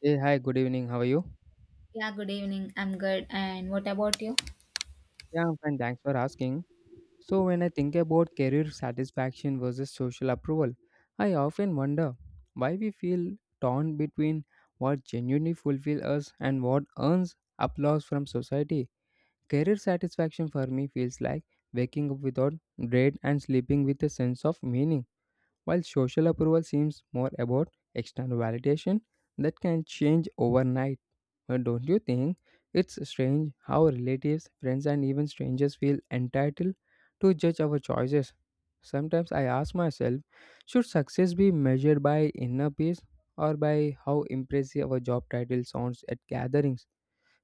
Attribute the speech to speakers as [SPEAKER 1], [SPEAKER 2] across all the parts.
[SPEAKER 1] Hey, hi, good evening. How are you?
[SPEAKER 2] Yeah, good evening. I'm good. And what about you?
[SPEAKER 1] Yeah, I'm fine. Thanks for asking. So, when I think about career satisfaction versus social approval, I often wonder why we feel torn between what genuinely fulfills us and what earns applause from society. Career satisfaction for me feels like waking up without dread and sleeping with a sense of meaning, while social approval seems more about external validation that can change overnight. But don't you think it's strange how relatives, friends, and even strangers feel entitled to judge our choices? Sometimes I ask myself, should success be measured by inner peace or by how impressive our job title sounds at gatherings?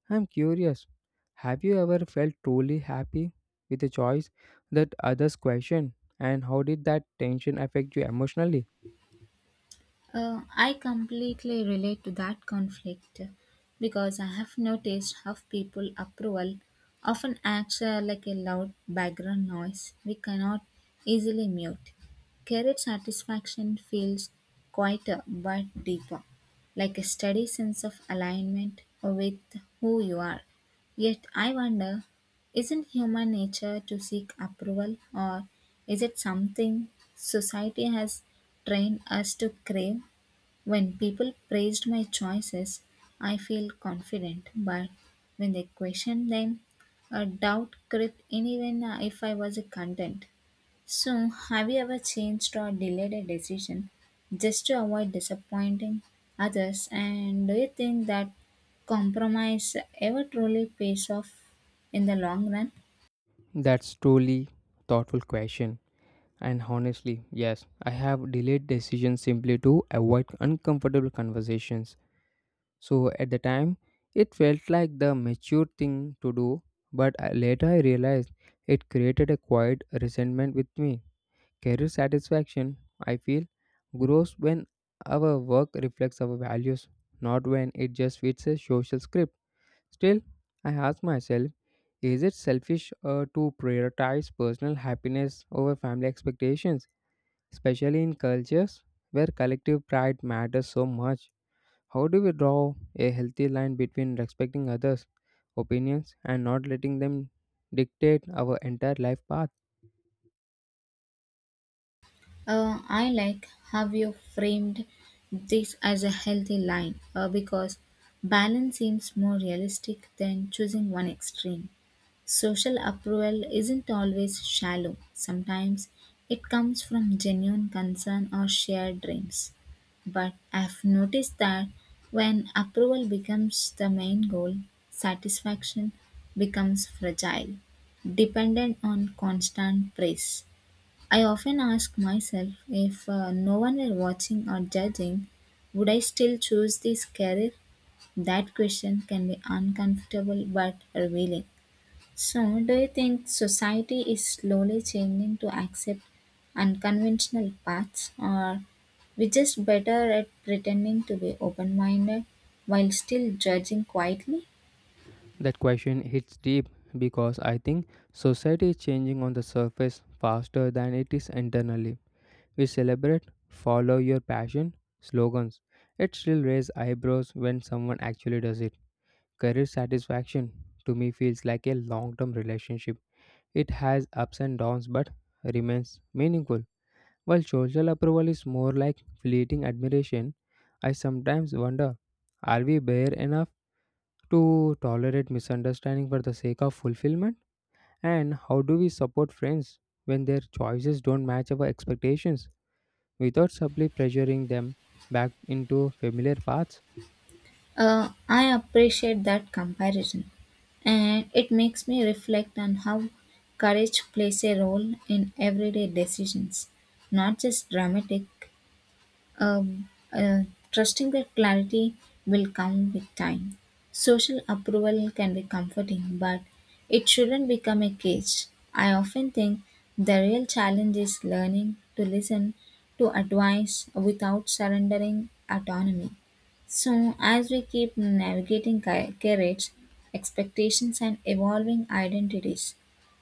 [SPEAKER 1] I'm curious. Have you ever felt truly happy with a choice that others questioned? And how did that tension affect you emotionally?
[SPEAKER 2] I completely relate to that conflict because I have noticed how people approval often acts like a loud background noise we cannot easily mute. Career satisfaction feels quieter but deeper, like a steady sense of alignment with who you are. Yet I wonder, isn't human nature to seek approval or is it something society has trained us to crave. When people praised my choices, I feel confident, but when they questioned them, a doubt crept in even if I was content. So, have you ever changed or delayed a decision just to avoid disappointing others? And do you think that compromise ever truly pays off in the long run?
[SPEAKER 1] That's truly thoughtful question. And honestly, yes, I have delayed decisions simply to avoid uncomfortable conversations. So at the time, it felt like the mature thing to do, but later I realized it created a quiet resentment with me. Career satisfaction, I feel, grows when our work reflects our values, not when it just fits a social script. Still, I ask myself, is it selfish to prioritize personal happiness over family expectations, especially in cultures where collective pride matters so much? How do we draw a healthy line between respecting others' opinions and not letting them dictate our entire life path?
[SPEAKER 2] I like how you framed this as a healthy line because balance seems more realistic than choosing one extreme. Social approval isn't always shallow, sometimes it comes from genuine concern or shared dreams. But I've noticed that when approval becomes the main goal, satisfaction becomes fragile, dependent on constant praise. I often ask myself if no one were watching or judging, would I still choose this career? That question can be uncomfortable but revealing. So, do you think society is slowly changing to accept unconventional paths, or we just better at pretending to be open minded while still judging quietly?
[SPEAKER 1] That question hits deep because I think society is changing on the surface faster than it is internally. We celebrate follow your passion slogans. It still raises eyebrows when someone actually does it. Career satisfaction to me feels like a long term relationship. It has ups and downs but remains meaningful. While social approval is more like fleeting admiration, I sometimes wonder, are we bare enough to tolerate misunderstanding for the sake of fulfillment? And how do we support friends when their choices don't match our expectations without subtly pressuring them back into familiar paths?
[SPEAKER 2] I appreciate that comparison, and it makes me reflect on how courage plays a role in everyday decisions, not just dramatic. Um, uh, Trusting that clarity will come with time. Social approval can be comforting, but it shouldn't become a cage. I often think the real challenge is learning to listen to advice without surrendering autonomy. So, as we keep navigating careers, expectations, and evolving identities,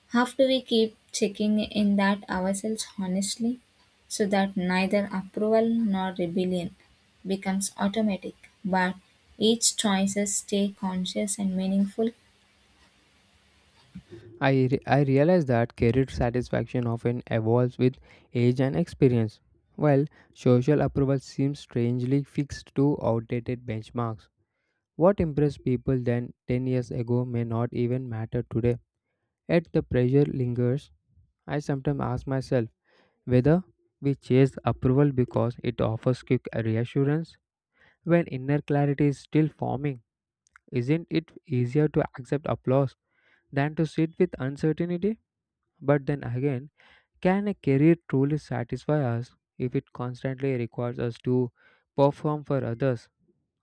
[SPEAKER 2] how do we keep checking in that ourselves honestly so that neither approval nor rebellion becomes automatic, but each choices stay conscious and meaningful?
[SPEAKER 1] I realize that career satisfaction often evolves with age and experience, while social approval seems strangely fixed to outdated benchmarks. What impressed people then 10 years ago may not even matter today. Yet the pressure lingers. I sometimes ask myself whether we chase approval because it offers quick reassurance when inner clarity is still forming. Isn't it easier to accept applause than to sit with uncertainty? But then again, can a career truly satisfy us if it constantly requires us to perform for others?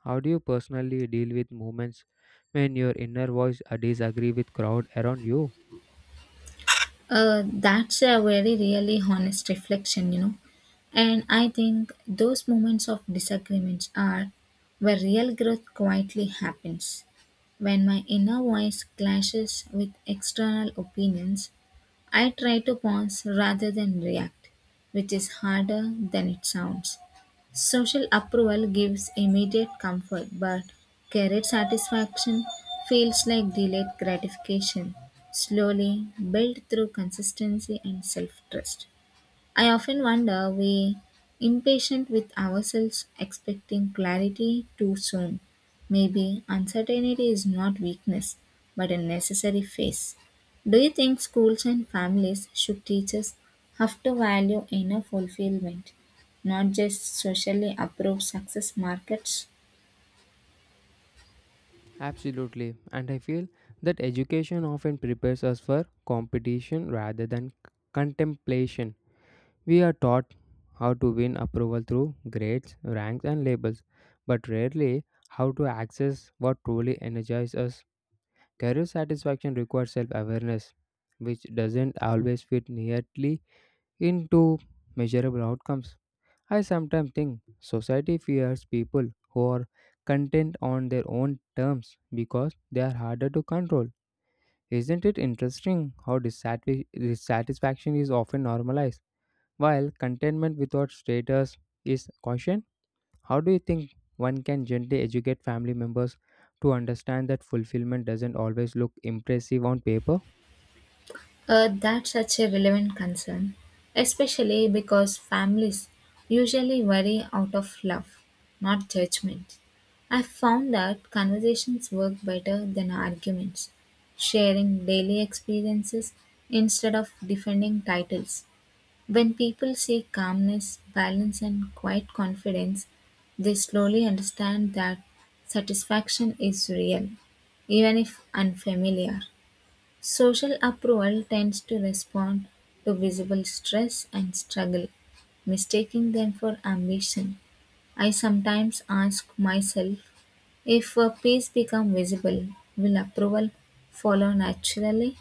[SPEAKER 1] How do you personally deal with moments when your inner voice disagree with crowd around you?
[SPEAKER 2] That's a very really honest reflection, you know. And I think those moments of disagreements are where real growth quietly happens. When my inner voice clashes with external opinions, I try to pause rather than react, which is harder than it sounds. Social approval gives immediate comfort, but career satisfaction feels like delayed gratification, slowly built through consistency and self trust. I often wonder we impatient with ourselves expecting clarity too soon. Maybe uncertainty is not weakness but a necessary phase. Do you think schools and families should teach us how to value inner fulfillment, not just socially approved success markets?
[SPEAKER 1] Absolutely. And I feel that education often prepares us for competition rather than contemplation. We are taught how to win approval through grades, ranks, and labels, but rarely how to access what truly energizes us. Career satisfaction requires self awareness, which doesn't always fit neatly into measurable outcomes. I sometimes think society fears people who are content on their own terms because they are harder to control. Isn't it interesting how dissatisfaction is often normalized, while contentment without status is cautioned? How do you think one can gently educate family members to understand that fulfillment doesn't always look impressive on paper?
[SPEAKER 2] That's such a relevant concern, especially because families usually worry out of love, not judgment. I found that conversations work better than arguments, sharing daily experiences instead of defending titles. When people see calmness, balance, and quiet confidence, they slowly understand that satisfaction is real, even if unfamiliar. Social approval tends to respond to visible stress and struggle, mistaking them for ambition. I sometimes ask myself if a peace become visible, will approval follow naturally?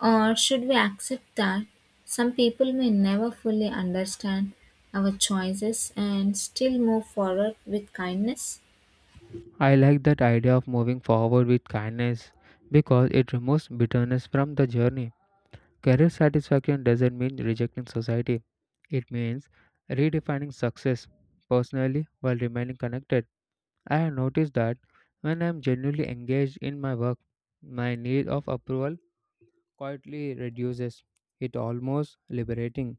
[SPEAKER 2] Or should we accept that some people may never fully understand our choices and still move forward with kindness?
[SPEAKER 1] I like that idea of moving forward with kindness because it removes bitterness from the journey. Career satisfaction doesn't mean rejecting society, it means redefining success personally while remaining connected. I have noticed that when I am genuinely engaged in my work, my need of approval quietly reduces. It almost liberating.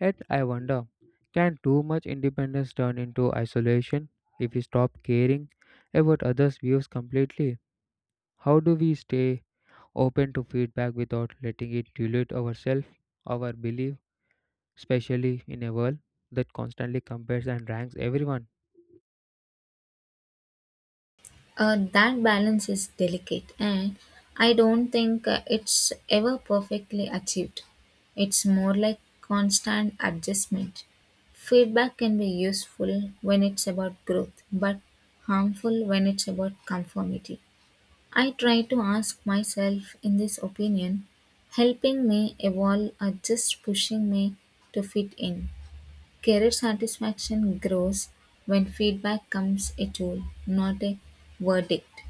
[SPEAKER 1] Yet I wonder, can too much independence turn into isolation if we stop caring about others' views completely? How do we stay open to feedback without letting it dilute ourselves, our belief, especially in a world that constantly compares and ranks everyone?
[SPEAKER 2] That balance is delicate, and I don't think it's ever perfectly achieved. It's more like constant adjustment. Feedback can be useful when it's about growth, but harmful when it's about conformity. I try to ask myself in this opinion, helping me evolve or just pushing me to fit in. Career satisfaction grows when feedback comes a tool, not a verdict.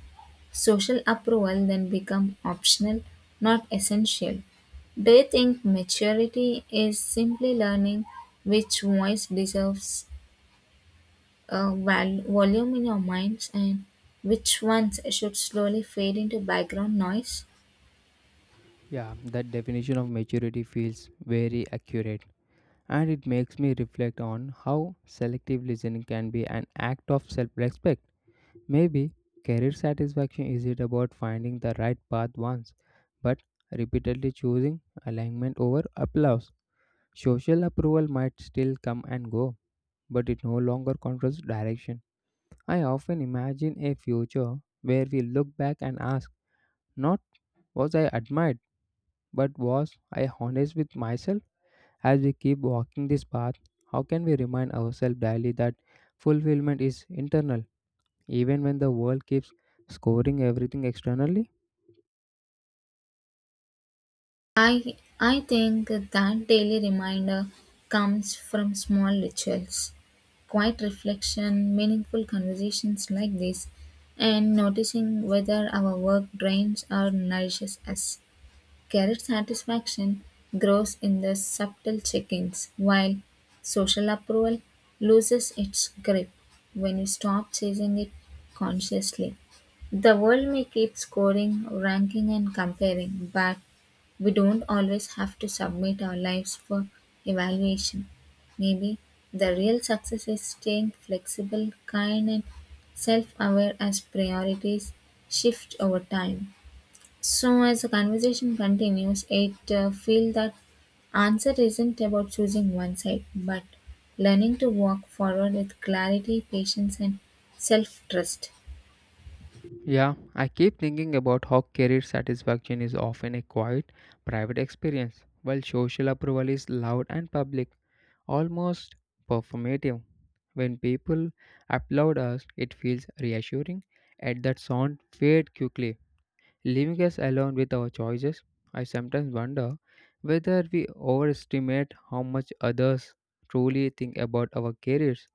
[SPEAKER 2] Social approval then become optional, not essential. Do you think maturity is simply learning which voice deserves volume in your minds and which ones should slowly fade into background noise?
[SPEAKER 1] Yeah, that definition of maturity feels very accurate. And it makes me reflect on how selective listening can be an act of self respect. Maybe career satisfaction isn't about finding the right path once, but repeatedly choosing alignment over applause. Social approval might still come and go, but it no longer controls direction. I often imagine a future where we look back and ask, not was I admired, but was I honest with myself? As we keep walking this path, how can we remind ourselves daily that fulfillment is internal, even when the world keeps scoring everything externally?
[SPEAKER 2] I think that daily reminder comes from small rituals, quiet reflection, meaningful conversations like this, and noticing whether our work drains or nourishes us. Career satisfaction grows in the subtle check-ins, while social approval loses its grip when you stop chasing it consciously. The world may keep scoring, ranking, and comparing, but we don't always have to submit our lives for evaluation. Maybe the real success is staying flexible, kind, and self aware as priorities shift over time. So, as the conversation continues, it feels that answer isn't about choosing one side, but learning to walk forward with clarity, patience, and self trust.
[SPEAKER 1] Yeah, I keep thinking about how career satisfaction is often a quiet, private experience, while social approval is loud and public, almost performative. When people applaud us, it feels reassuring, and that sound fades quickly, leaving us alone with our choices. I sometimes wonder whether we overestimate how much others truly think about our careers,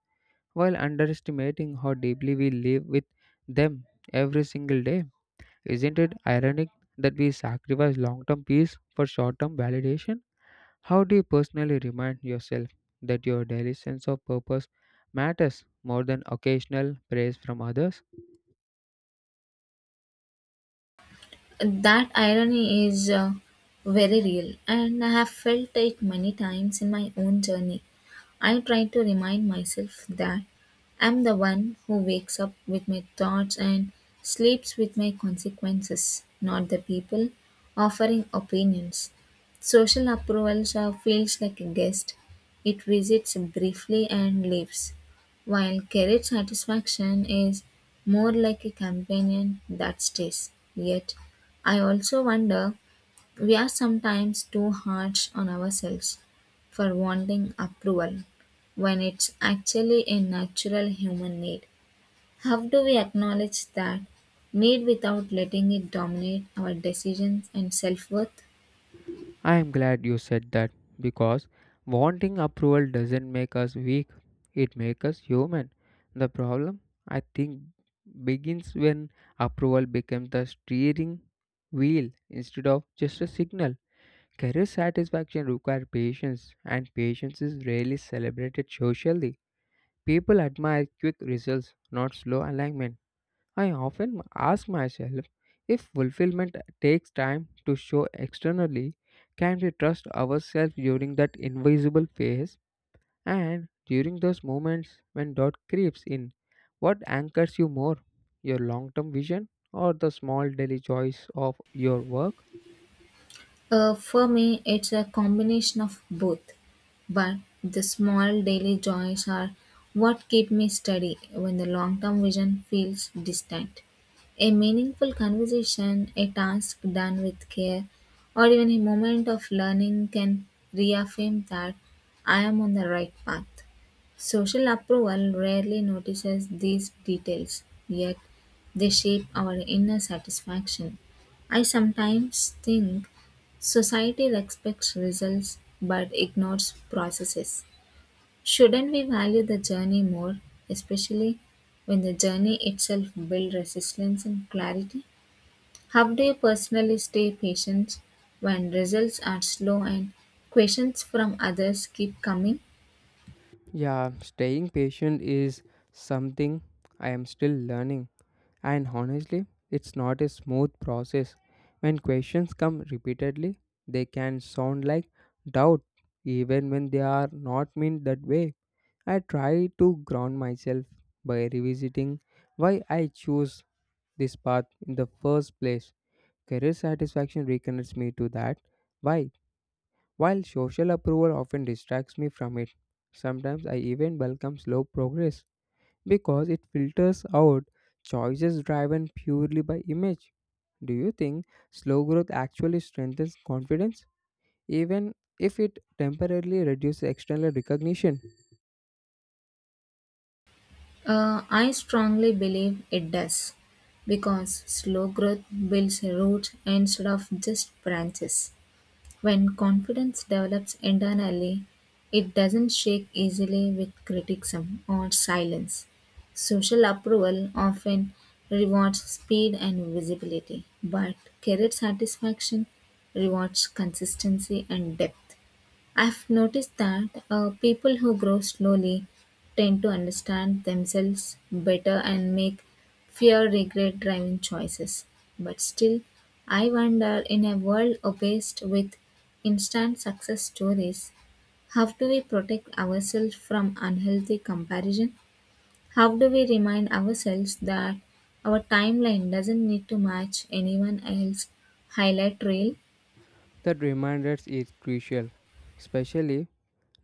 [SPEAKER 1] while underestimating how deeply we live with them every single day. Isn't it ironic that we sacrifice long term peace for short term validation? How do you personally remind yourself that your daily sense of purpose matters more than occasional praise from others?
[SPEAKER 2] That irony is very real, and I have felt it many times in my own journey. I try to remind myself that I'm the one who wakes up with my thoughts and sleeps with my consequences, not the people offering opinions. Social approval feels like a guest. It visits briefly and leaves, while career satisfaction is more like a companion that stays. Yet, I also wonder we are sometimes too harsh on ourselves for wanting approval when it's actually a natural human need. How do we acknowledge that need without letting it dominate our decisions and self worth?
[SPEAKER 1] I am glad you said that because wanting approval doesn't make us weak, it makes us human. The problem, I think, begins when approval becomes the steering wheel instead of just a signal. Career satisfaction requires patience, and patience is rarely celebrated socially. People admire quick results, not slow alignment. I often ask myself, if fulfillment takes time to show externally, can we trust ourselves during that invisible phase and during those moments when doubt creeps in? What anchors you more, your long term vision or the small daily joys of your work?
[SPEAKER 2] For me, it's a combination of both, but the small daily joys are what keep me steady when the long term vision feels distant. A meaningful conversation, a task done with care, or even a moment of learning can reaffirm that I am on the right path. Social approval rarely notices these details, yet they shape our inner satisfaction. I sometimes think society respects results but ignores processes. Shouldn't we value the journey more, especially when the journey itself builds resilience and clarity? How do you personally stay patient when results are slow and questions from others keep coming?
[SPEAKER 1] Yeah, staying patient is something I am still learning. And honestly, it's not a smooth process. When questions come repeatedly, they can sound like doubt, even when they are not meant that way. I try to ground myself by revisiting why I chose this path in the first place. Career satisfaction reconnects me to that. Why? While social approval often distracts me from it, sometimes I even welcome slow progress because it filters out choices driven purely by image. Do you think slow growth actually strengthens confidence, even if it temporarily reduces external recognition?
[SPEAKER 2] I strongly believe it does because slow growth builds roots instead of just branches. When confidence develops internally, it doesn't shake easily with criticism or silence. Social approval often rewards speed and visibility, but career satisfaction rewards consistency and depth. I've noticed that people who grow slowly tend to understand themselves better and make fewer regret driving choices. But still, I wonder in a world obsessed with instant success stories, how do we protect ourselves from unhealthy comparison? How do we remind ourselves that our timeline doesn't need to match anyone else's highlight reel?
[SPEAKER 1] That reminder is crucial, especially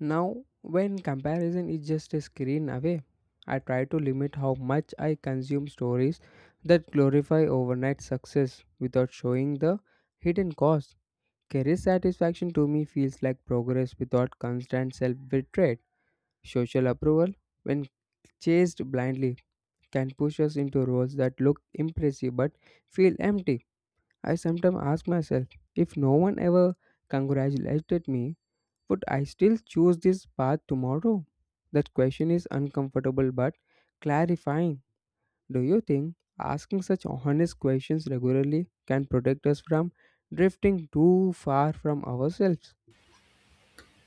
[SPEAKER 1] now when comparison is just a screen away. I try to limit how much I consume stories that glorify overnight success without showing the hidden cost. Career satisfaction to me feels like progress without constant self betrayal. Social approval, when chased blindly, can push us into roles that look impressive but feel empty. I sometimes ask myself, if no one ever congratulated me, would I still choose this path tomorrow? That question is uncomfortable but clarifying. Do you think asking such honest questions regularly can protect us from drifting too far from ourselves?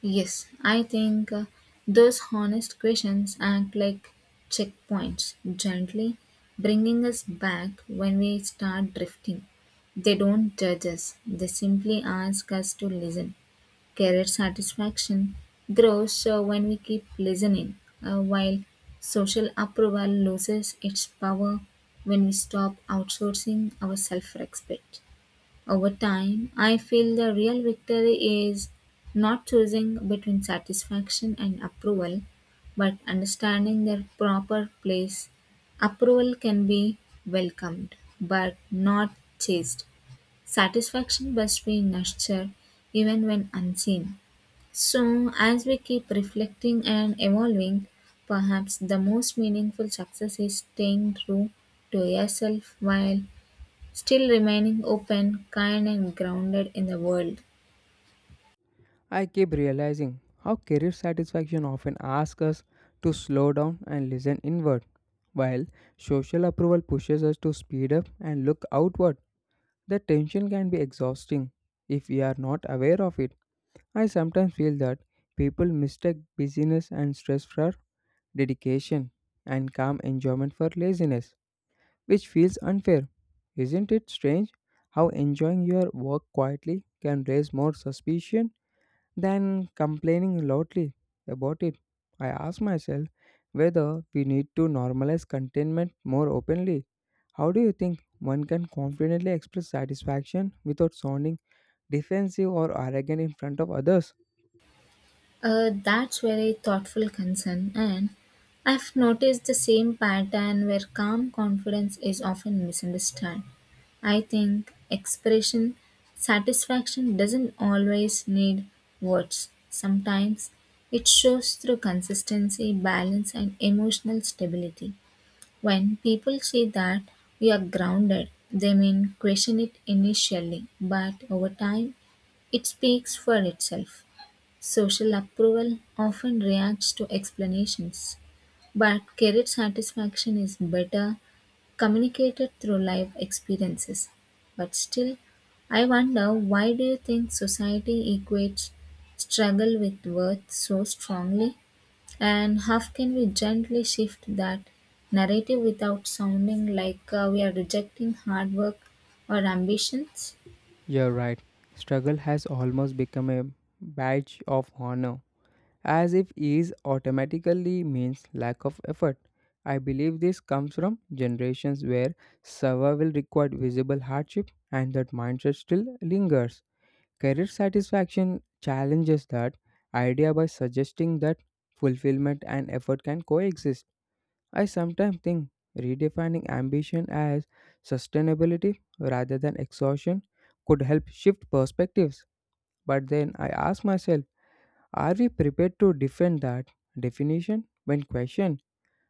[SPEAKER 2] Yes, I think those honest questions act like checkpoints, gently bringing us back when we start drifting. They don't judge us, they simply ask us to listen. Career satisfaction grows when we keep listening, while social approval loses its power when we stop outsourcing our self respect. Over time, I feel the real victory is not choosing between satisfaction and approval, but understanding their proper place. Approval can be welcomed, but not chased. Satisfaction must be nurtured even when unseen. So, as we keep reflecting and evolving, perhaps the most meaningful success is staying true to yourself while still remaining open, kind, and grounded in the world.
[SPEAKER 1] I keep realizing how career satisfaction often asks us to slow down and listen inward, while social approval pushes us to speed up and look outward. The tension can be exhausting if we are not aware of it. I sometimes feel that people mistake busyness and stress for dedication and calm enjoyment for laziness, which feels unfair. Isn't it strange how enjoying your work quietly can raise more suspicion than complaining loudly about it? I ask myself whether we need to normalize contentment more openly. How do you think one can confidently express satisfaction without sounding defensive or arrogant in front of others?
[SPEAKER 2] That's very thoughtful concern, and I've noticed the same pattern where calm confidence is often misunderstood. I think expression satisfaction doesn't always need words. Sometimes it shows through consistency, balance, and emotional stability. When people say that we are grounded, they may question it initially, but over time, it speaks for itself. Social approval often reacts to explanations, but career satisfaction is better communicated through life experiences. But still, I wonder why do you think society equates struggle with worth so strongly? And how can we gently shift that narrative without sounding like we are rejecting hard work or ambitions?
[SPEAKER 1] You're right. Struggle has almost become a badge of honor, as if ease automatically means lack of effort. I believe this comes from generations where survival required visible hardship, and that mindset still lingers. Career satisfaction challenges that idea by suggesting that fulfillment and effort can coexist. I sometimes think redefining ambition as sustainability rather than exhaustion could help shift perspectives. But then I ask myself, are we prepared to defend that definition when questioned?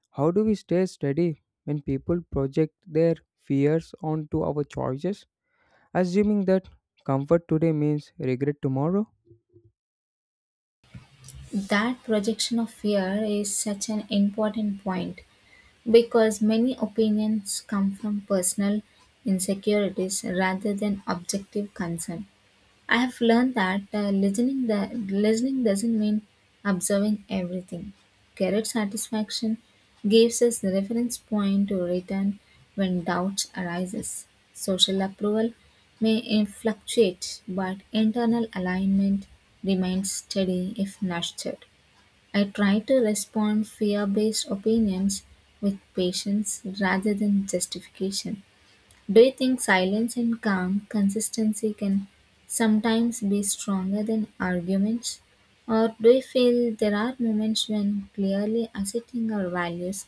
[SPEAKER 1] How do we stay steady when people project their fears onto our choices, assuming that comfort today means regret tomorrow?
[SPEAKER 2] That projection of fear is such an important point because many opinions come from personal insecurities rather than objective concern. I have learned that listening doesn't mean observing everything. Career satisfaction gives us the reference point to return when doubt arises. Social approval may fluctuate, but internal alignment remains steady if nurtured. I try to respond fear-based opinions with patience rather than justification. Do you think silence and calm consistency can sometimes be stronger than arguments? Or do you feel there are moments when clearly asserting our values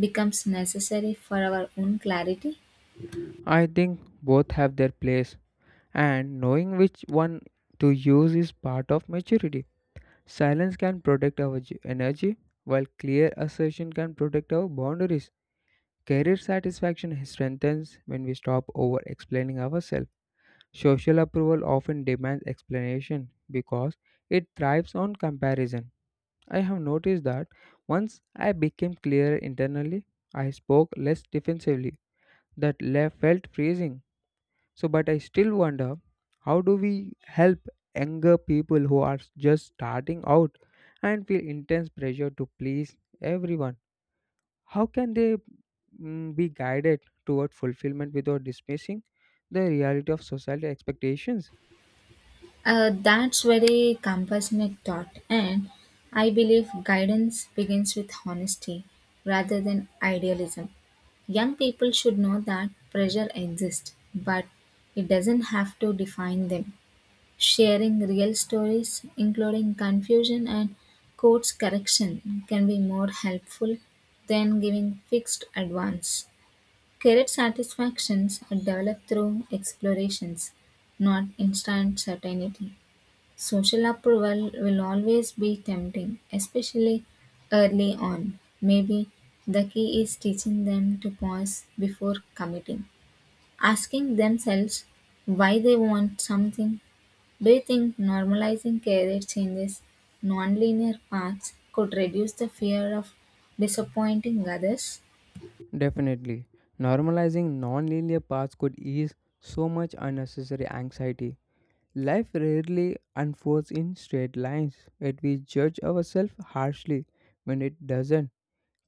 [SPEAKER 2] becomes necessary for our own clarity?
[SPEAKER 1] I think both have their place, and knowing which one to use is part of maturity. Silence can protect our energy, while clear assertion can protect our boundaries. Career satisfaction strengthens when we stop over explaining ourselves. Social approval often demands explanation because it thrives on comparison. I have noticed that once I became clearer internally, I spoke less defensively. That left felt freezing. So, but I still wonder, how do we help younger people who are just starting out and feel intense pressure to please everyone? How can they be guided toward fulfillment without dismissing the reality of societal expectations?
[SPEAKER 2] That's very compassionate thought, and I believe guidance begins with honesty rather than idealism. Young people should know that pressure exists, but it doesn't have to define them. Sharing real stories, including confusion and course correction, can be more helpful than giving fixed advice. Career satisfactions are developed through explorations, not instant certainty. Social approval will always be tempting, especially early on. Maybe the key is teaching them to pause before committing, asking themselves why they want something. Do you think normalizing career changes, nonlinear paths, could reduce the fear of disappointing others?
[SPEAKER 1] Definitely. Normalizing non-linear paths could ease so much unnecessary anxiety. Life rarely unfolds in straight lines, yet we judge ourselves harshly when it doesn't.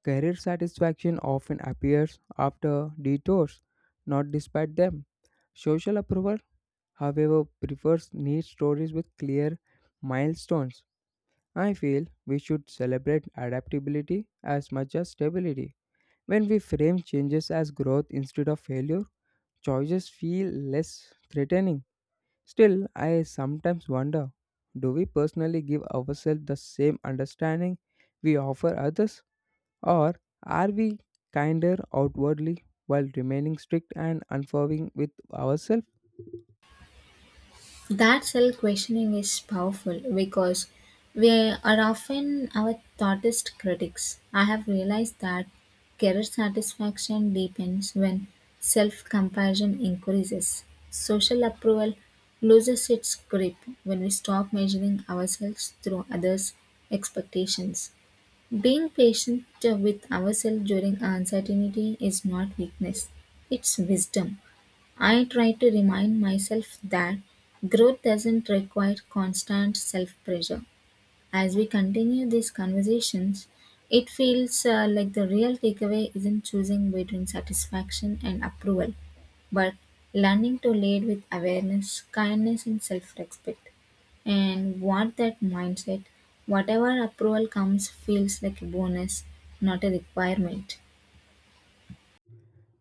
[SPEAKER 1] Career satisfaction often appears after detours, not despite them. Social approval, however, prefers neat stories with clear milestones. I feel we should celebrate adaptability as much as stability. When we frame changes as growth instead of failure, choices feel less threatening. Still, I sometimes wonder, do we personally give ourselves the same understanding we offer others? Or are we kinder outwardly while remaining strict and unforgiving with ourselves?
[SPEAKER 2] That self questioning is powerful because we are often our thoughtest critics. I have realized that career satisfaction deepens when self comparison increases. Social approval loses its grip when we stop measuring ourselves through others' expectations. Being patient with ourselves during uncertainty is not weakness, it's wisdom. I try to remind myself that growth doesn't require constant self pressure. As we continue these conversations, it feels like the real takeaway isn't choosing between satisfaction and approval, but learning to lead with awareness, kindness, and self respect. And what that mindset, whatever approval comes, feels like a bonus, not a requirement.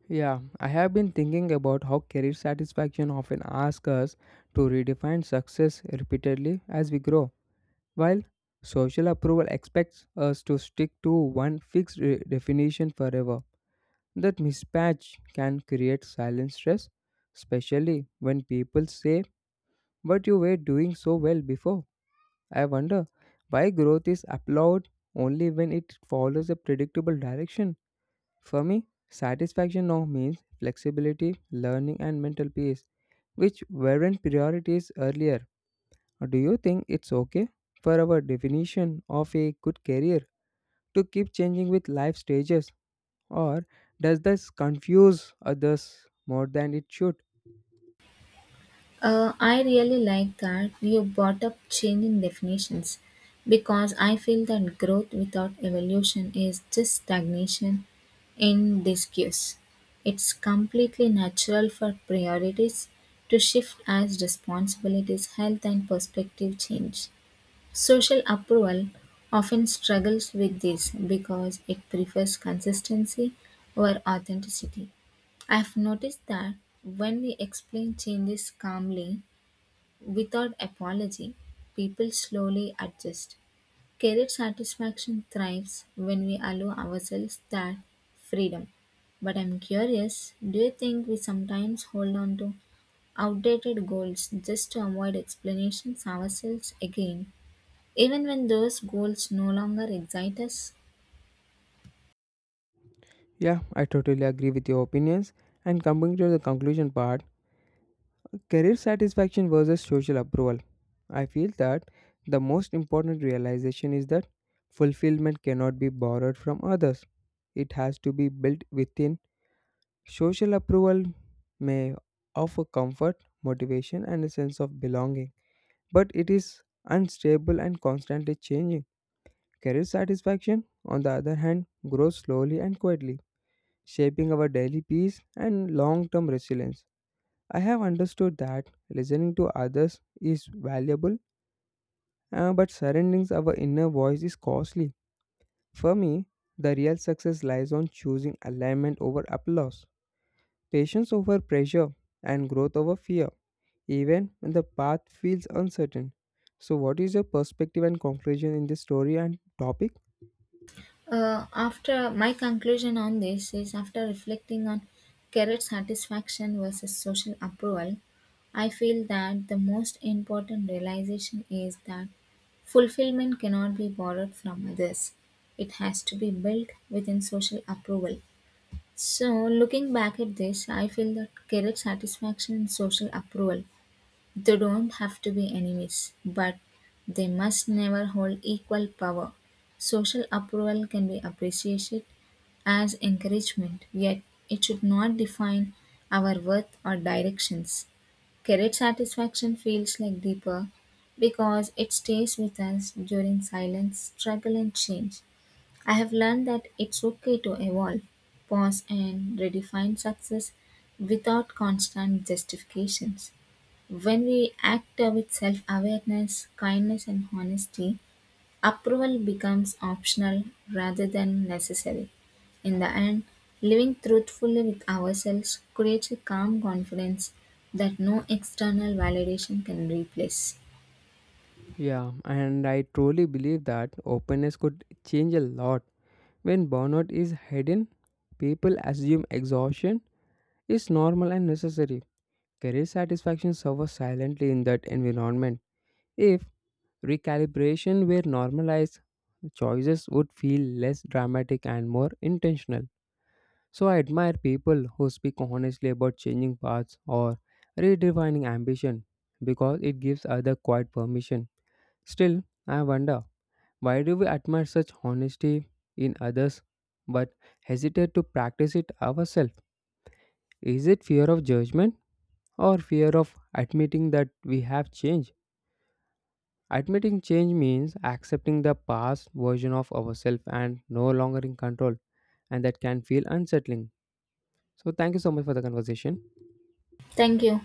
[SPEAKER 1] Yeah, I have been thinking about how career satisfaction often asks us to redefine success repeatedly as we grow, while social approval expects us to stick to one fixed definition forever. That mismatch can create silent stress, especially when people say, "But you were doing so well before." I wonder why growth is applauded only when it follows a predictable direction. For me, satisfaction now means flexibility, learning, and mental peace, which weren't priorities earlier. Do you think it's okay for our definition of a good career to keep changing with life stages, or does this confuse others more than it should?
[SPEAKER 2] I really like that you brought up changing definitions because I feel that growth without evolution is just stagnation in disuse. It's completely natural for priorities to shift as responsibilities, health, and perspective change. Social approval often struggles with this because it prefers consistency over authenticity. I've noticed that when we explain changes calmly without apology, people slowly adjust. Career satisfaction thrives when we allow ourselves that freedom. But I'm curious, do you think we sometimes hold on to outdated goals just to avoid explanations ourselves again, even when those goals no longer excite us?
[SPEAKER 1] Yeah, I totally agree with your opinions. And coming to the conclusion part, career satisfaction versus social approval. I feel that the most important realization is that fulfillment cannot be borrowed from others, it has to be built within. Social approval may offer comfort, motivation, and a sense of belonging, but it is unstable and constantly changing. Career satisfaction, on the other hand, grows slowly and quietly, shaping our daily peace and long term resilience. I have understood that listening to others is valuable, but surrendering our inner voice is costly. For me, the real success lies on choosing alignment over applause, patience over pressure, and growth over fear, even when the path feels uncertain. So, what is your perspective and conclusion in this story and topic?
[SPEAKER 2] After my conclusion on this is after reflecting on career satisfaction versus social approval, I feel that the most important realization is that fulfillment cannot be borrowed from others. It has to be built within social approval. So, looking back at this, I feel that career satisfaction and social approval, they don't have to be enemies, but they must never hold equal power. Social approval can be appreciated as encouragement, yet, it should not define our worth or directions. Career satisfaction feels like deeper because it stays with us during silence, struggle, and change. I have learned that it's okay to evolve, pause, and redefine success without constant justifications. When we act with self awareness, kindness, and honesty, approval becomes optional rather than necessary. In the end, living truthfully with ourselves creates a calm confidence that no external validation can replace.
[SPEAKER 1] Yeah, and I truly believe that openness could change a lot. When burnout is hidden, people assume exhaustion is normal and necessary. Career satisfaction suffers silently in that environment. If recalibration were normalized, choices would feel less dramatic and more intentional. So I admire people who speak honestly about changing paths or redefining ambition because it gives other quiet permission. Still, I wonder, why do we admire such honesty in others but hesitate to practice it ourselves? Is it fear of judgment or fear of admitting that we have changed? Admitting change means accepting the past version of ourselves and no longer in control, and that can feel unsettling. So, thank you so much for the conversation.
[SPEAKER 2] Thank you.